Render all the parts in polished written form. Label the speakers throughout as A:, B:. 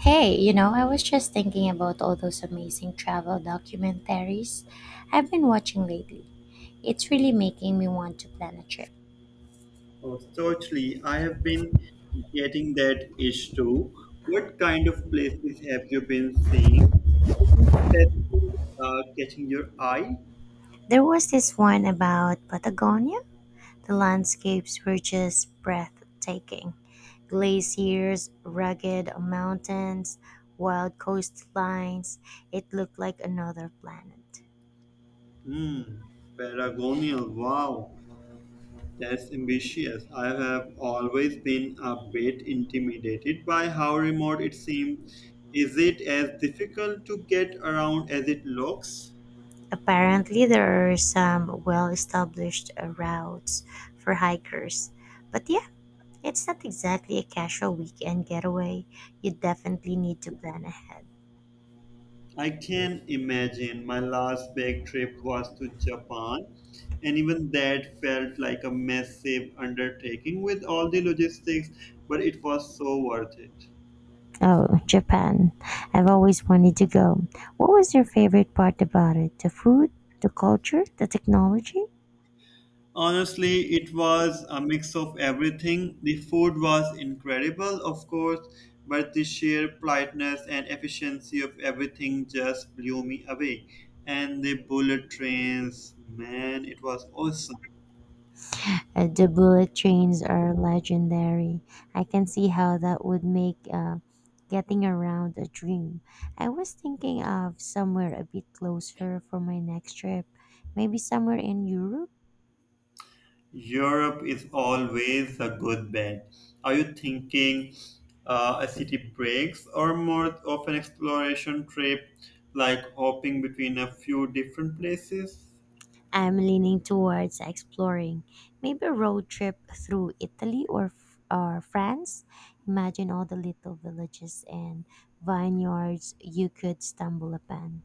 A: Hey, you know, I was just thinking about all those amazing travel documentaries I've been watching lately. It's really making me want to plan a trip.
B: Oh, totally. I have been getting that itch too. What kind of places have you been seeing? Anything specific, catching your eye?
A: There was this one about Patagonia. The landscapes were just breathtaking glaciers, rugged mountains, wild coastlines. It looked like another planet.
B: Hmm, Paragonia. Wow, that's ambitious. I have always been a bit intimidated by how remote it seems. Is it as difficult to get around as it looks?
A: Apparently there are some well-established routes for hikers. But yeah, it's not exactly a casual weekend getaway. You definitely need to plan ahead.
B: I can imagine my last big trip was to Japan, and even that felt like a massive undertaking with all the logistics, but it was so worth it.
A: Oh, Japan. I've always wanted to go. What was your favorite part about it? The food, the culture, the technology?
B: Honestly, it was a mix of everything. The food was incredible, of course, but the sheer politeness and efficiency of everything just blew me away. And the bullet trains, man, it was awesome.
A: The bullet trains are legendary. I can see how that would make getting around a dream. I was thinking of somewhere a bit closer for my next trip, maybe somewhere in Europe.
B: Europe is always a good bet. Are you thinking a city breaks or more of an exploration trip, like hopping between a few different places?
A: I'm leaning towards exploring, maybe a road trip through Italy or France. Imagine all the little villages and vineyards you could stumble upon.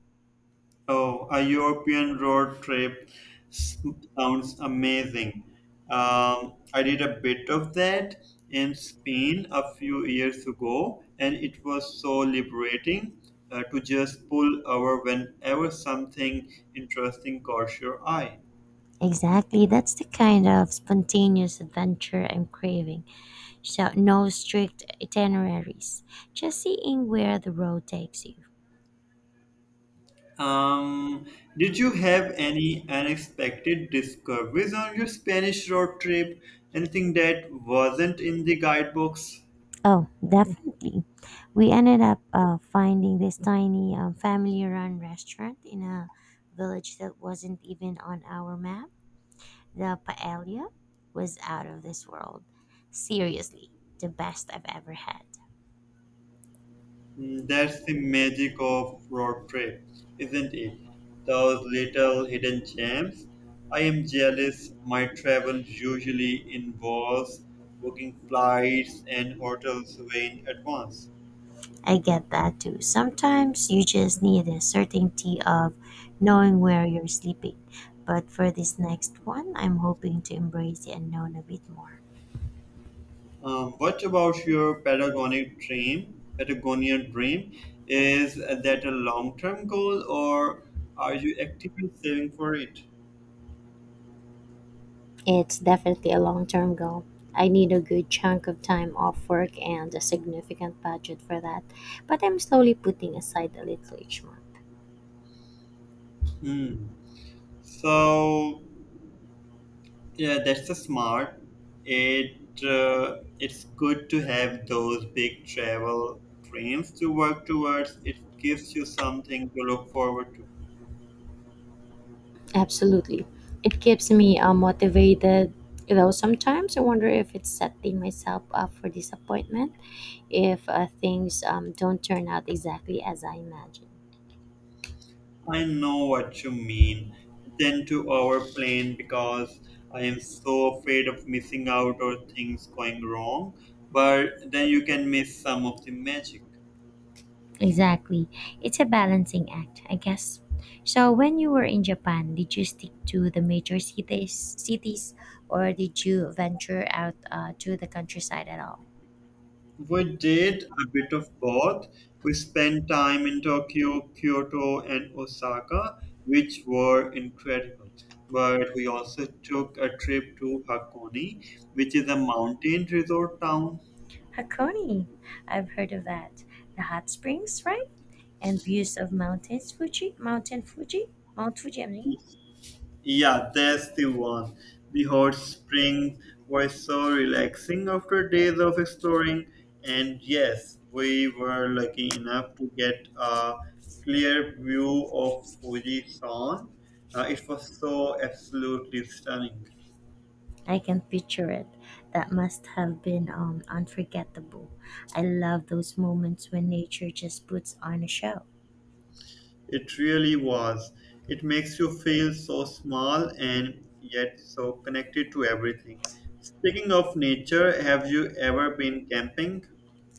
B: Oh, a European road trip s- sounds amazing. I did a bit of that in Spain a few years ago, and it was so liberating to just pull over whenever something interesting caught your eye.
A: Exactly, that's the kind of spontaneous adventure I'm craving. So no strict itineraries, just seeing where the road takes you.
B: Um, did you have any unexpected discoveries on your Spanish road trip? Anything that wasn't in the guidebooks?
A: Oh, definitely. We ended up finding this tiny family run restaurant in a village that wasn't even on our map. The paella was out of this world. Seriously, the best I've ever had.
B: Mm, that's the magic of road trips, isn't it? Those little hidden gems. I am jealous. My travel usually involves booking flights and hotels way in advance.
A: I get that too. Sometimes you just need a certainty of knowing where you're sleeping. But for this next one, I'm hoping to embrace the unknown a bit more.
B: What about your Patagonic dream? Patagonian dream, is that a long-term goal, or are you actively saving for it?
A: It's definitely a long term goal. I need a good chunk of time off work and a significant budget for that, but I'm slowly putting aside a little each month.
B: Hmm. So yeah, that's a smart. It it's good to have those big travel dreams to work towards. It gives you something to look forward to.
A: Absolutely. It keeps me motivated, though sometimes I wonder if it's setting myself up for disappointment if things don't turn out exactly as I imagined.
B: I know what you mean. I tend to overplan because I am so afraid of missing out or things going wrong, but then you can miss some of the magic.
A: Exactly. It's a balancing act, I guess. So when you were in Japan, did you stick to the major cities, or did you venture out to the countryside at all?
B: We did a bit of both. We spent time in Tokyo, Kyoto, and Osaka, which were incredible. But we also took a trip to Hakone, which is a mountain resort town.
A: Hakone. I've heard of that. The hot springs, right? And views of Mount Fuji, I mean.
B: Yeah, that's the one. The hot spring was so relaxing after days of exploring, and yes, we were lucky enough to get a clear view of Fujisan. It was so absolutely stunning.
A: I can picture it. That must have been unforgettable. I love those moments when nature just puts on a show.
B: It really was. It makes you feel so small and yet so connected to everything. Speaking of nature, have you ever been camping?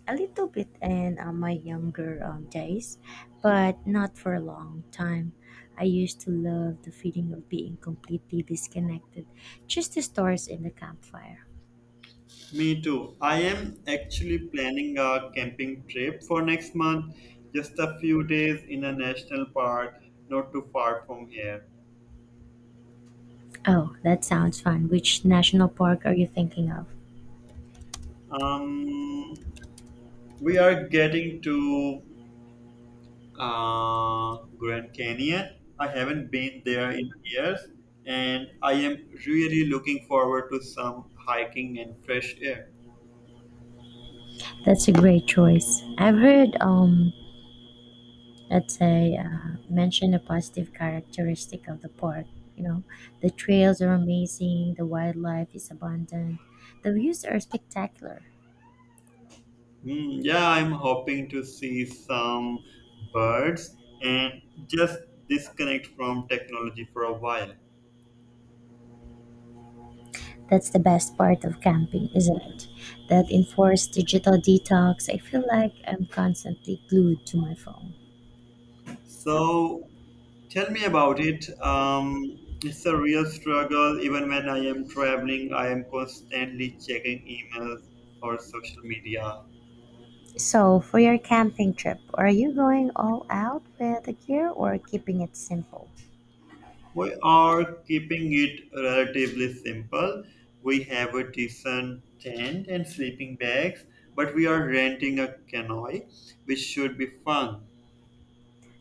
A: A little bit in my younger days, but not for a long time. I used to love the feeling of being completely disconnected, just the stars in the campfire.
B: Me too. I am actually planning a camping trip for next month, just a few days in a national park not too far from here.
A: Oh, that sounds fun. Which national park are you thinking of?
B: Um, we are getting to Grand Canyon. I haven't been there in years, and I am really looking forward to some hiking and fresh air.
A: That's a great choice. I've heard, let's say, mention a positive characteristic of the park. You know, the trails are amazing, the wildlife is abundant, the views are spectacular.
B: Mm, yeah, I'm hoping to see some birds and just disconnect from technology for a while.
A: That's the best part of camping, isn't it? That enforced digital detox. I feel like I'm constantly glued to my phone.
B: So tell me about it. It's a real struggle. Even when I am traveling, I am constantly checking emails or social media.
A: So, for your camping trip, are you going all out with the gear or keeping it simple?
B: We are keeping it relatively simple. We have a decent tent and sleeping bags, but we are renting a canoe, which should be fun.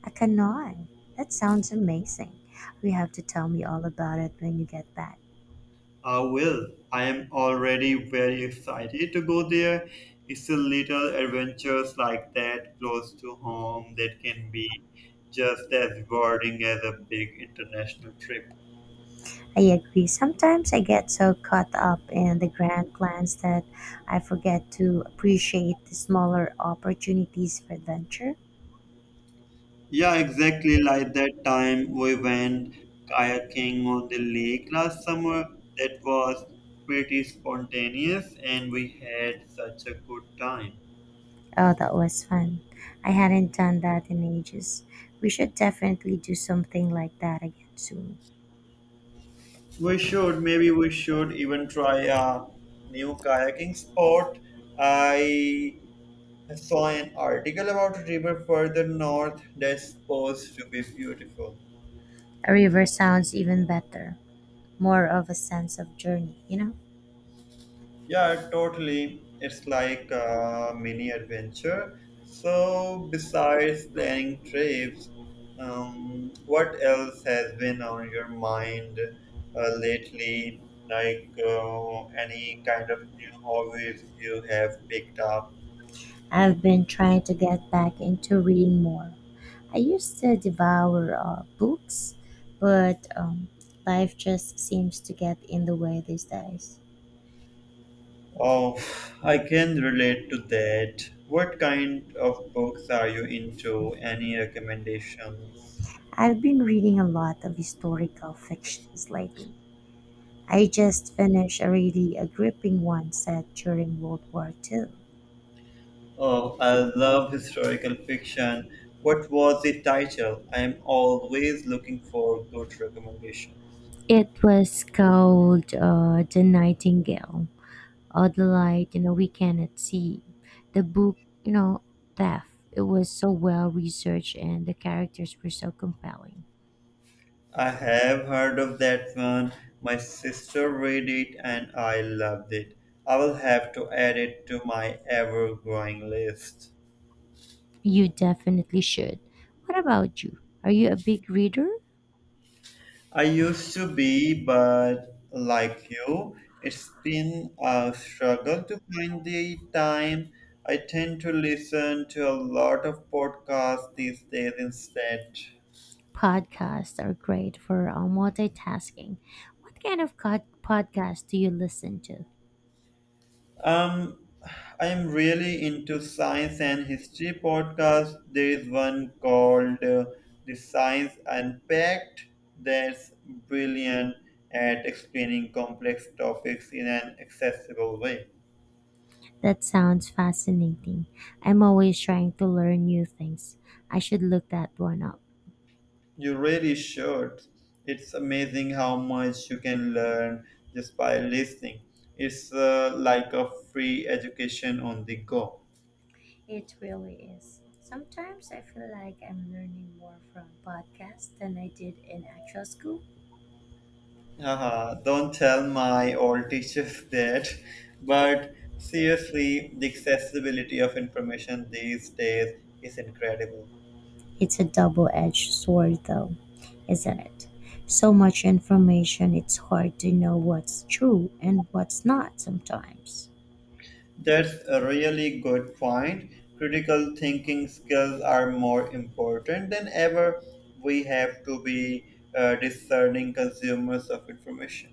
A: I cannot. That sounds amazing. You have to tell me all about it when you get back.
B: I will. I am already very excited to go there. It's a little adventures like that close to home that can be just as rewarding as a big international trip.
A: I agree. Sometimes I get so caught up in the grand plans that I forget to appreciate the smaller opportunities for adventure.
B: Yeah, exactly like that time we went kayaking on the lake last summer. That was pretty spontaneous and we had such a good time.
A: Oh, that was fun. I hadn't done that in ages. We should definitely do something like that again soon.
B: We should, maybe we should even try a new kayaking spot. I saw an article about a river further north that's supposed to be beautiful.
A: A river sounds even better, more of a sense of journey, you know?
B: Yeah, totally. It's like a mini adventure. So, besides planning trips, what else has been on your mind lately? Like any kind of new hobbies you have picked up?
A: I've been trying to get back into reading more. I used to devour books, but life just seems to get in the way these days.
B: Oh, I can relate to that. What kind of books are you into? Any recommendations?
A: I've been reading a lot of historical fictions lately. I just finished a really a gripping one set during World War II.
B: Oh, I love historical fiction. What was the title? I am always looking for good recommendations.
A: It was called The Nightingale or The Light, you know, we cannot see. The book, you know, Death. It was so well researched and the characters were so compelling.
B: I have heard of that one. My sister read it and I loved it. I will have to add it to my ever growing list.
A: You definitely should. What about you? Are you a big reader?
B: I used to be, but like you, it's been a struggle to find the time. I tend to listen to a lot of podcasts these days instead.
A: Podcasts are great for multitasking. What kind of podcast do you listen to?
B: Um, I'm really into science and history podcasts. There is one called The Science Unpacked that's brilliant at explaining complex topics in an accessible way.
A: That sounds fascinating. I'm always trying to learn new things. I should look that one up.
B: You really should. It's amazing how much you can learn just by listening. It's like a free education on the go.
A: It really is. Sometimes I feel like I'm learning more from podcasts than I did in actual school.
B: Haha, don't tell my old teachers that. But seriously, the accessibility of information these days is incredible.
A: It's a double edged sword, though, isn't it? So much information, it's hard to know what's true and what's not sometimes.
B: That's a really good point. Critical thinking skills are more important than ever. We have to be discerning consumers of information.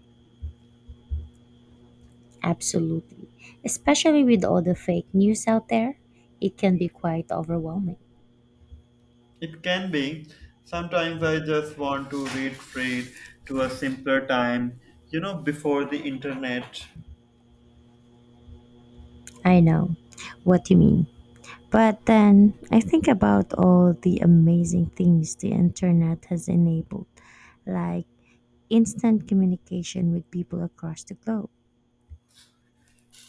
A: Absolutely. Especially with all the fake news out there, it can be quite overwhelming.
B: It can be. Sometimes I just want to retreat to a simpler time, you know, before the internet.
A: I know what you mean. But then I think about all the amazing things the internet has enabled, like instant communication with people across the globe.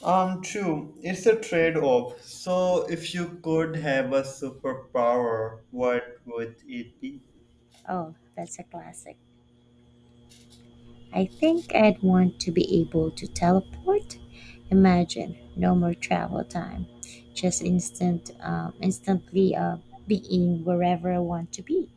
B: True. It's a trade-off. So, if you could have a superpower, what would it be?
A: Oh, that's a classic. I think I'd want to be able to teleport. Imagine no more travel time, just instantly being wherever I want to be.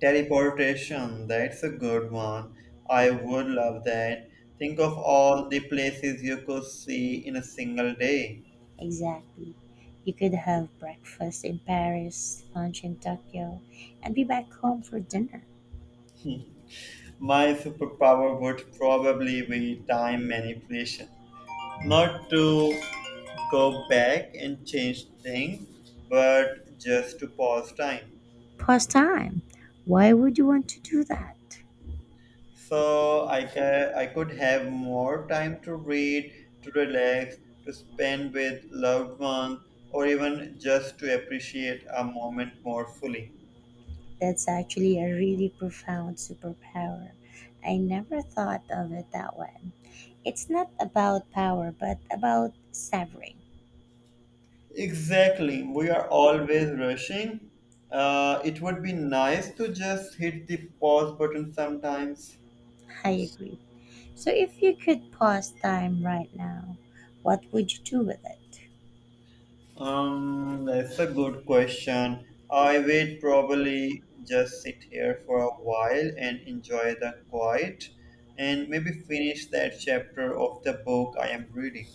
B: Teleportation, that's a good one. I would love that. Think of all the places you could see in a single day.
A: Exactly. You could have breakfast in Paris, lunch in Tokyo, and be back home for dinner.
B: My superpower would probably be time manipulation. Not to go back and change things, but just to pause time.
A: Pause time. Why would you want to do that?
B: I could have more time to read, to relax, to spend with loved ones, or even just to appreciate a moment more fully.
A: That's actually a really profound superpower. I never thought of it that way. It's not about power, but about severing.
B: Exactly, we are always rushing. It would be nice to just hit the pause button sometimes.
A: I agree. So, if you could pause time right now, what would you do with it?
B: That's a good question. I would probably just sit here for a while and enjoy the quiet and maybe finish that chapter of the book I am reading.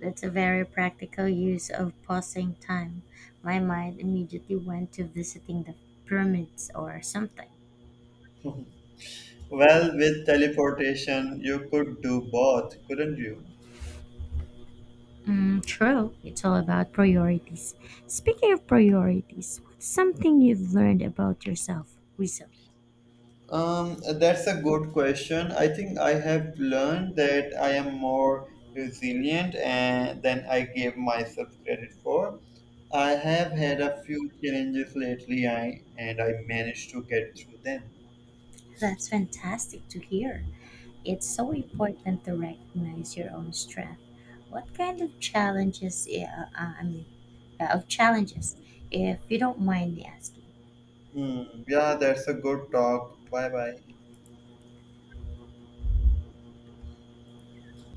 A: That's a very practical use of pausing time. My mind immediately went to visiting the pyramids or something.
B: Well, with teleportation, you could do both, couldn't you?
A: Mm, true. It's all about priorities. Speaking of priorities, what's something you've learned about yourself recently?
B: That's a good question. I think I have learned that I am more resilient and than I gave myself credit for. I have had a few challenges lately, I and I managed to get through them.
A: That's fantastic to hear. It's so important to recognize your own strength. What kind of challenges, I mean, of challenges, if you don't mind me asking?
B: Hmm. Yeah, that's a good talk. Bye bye.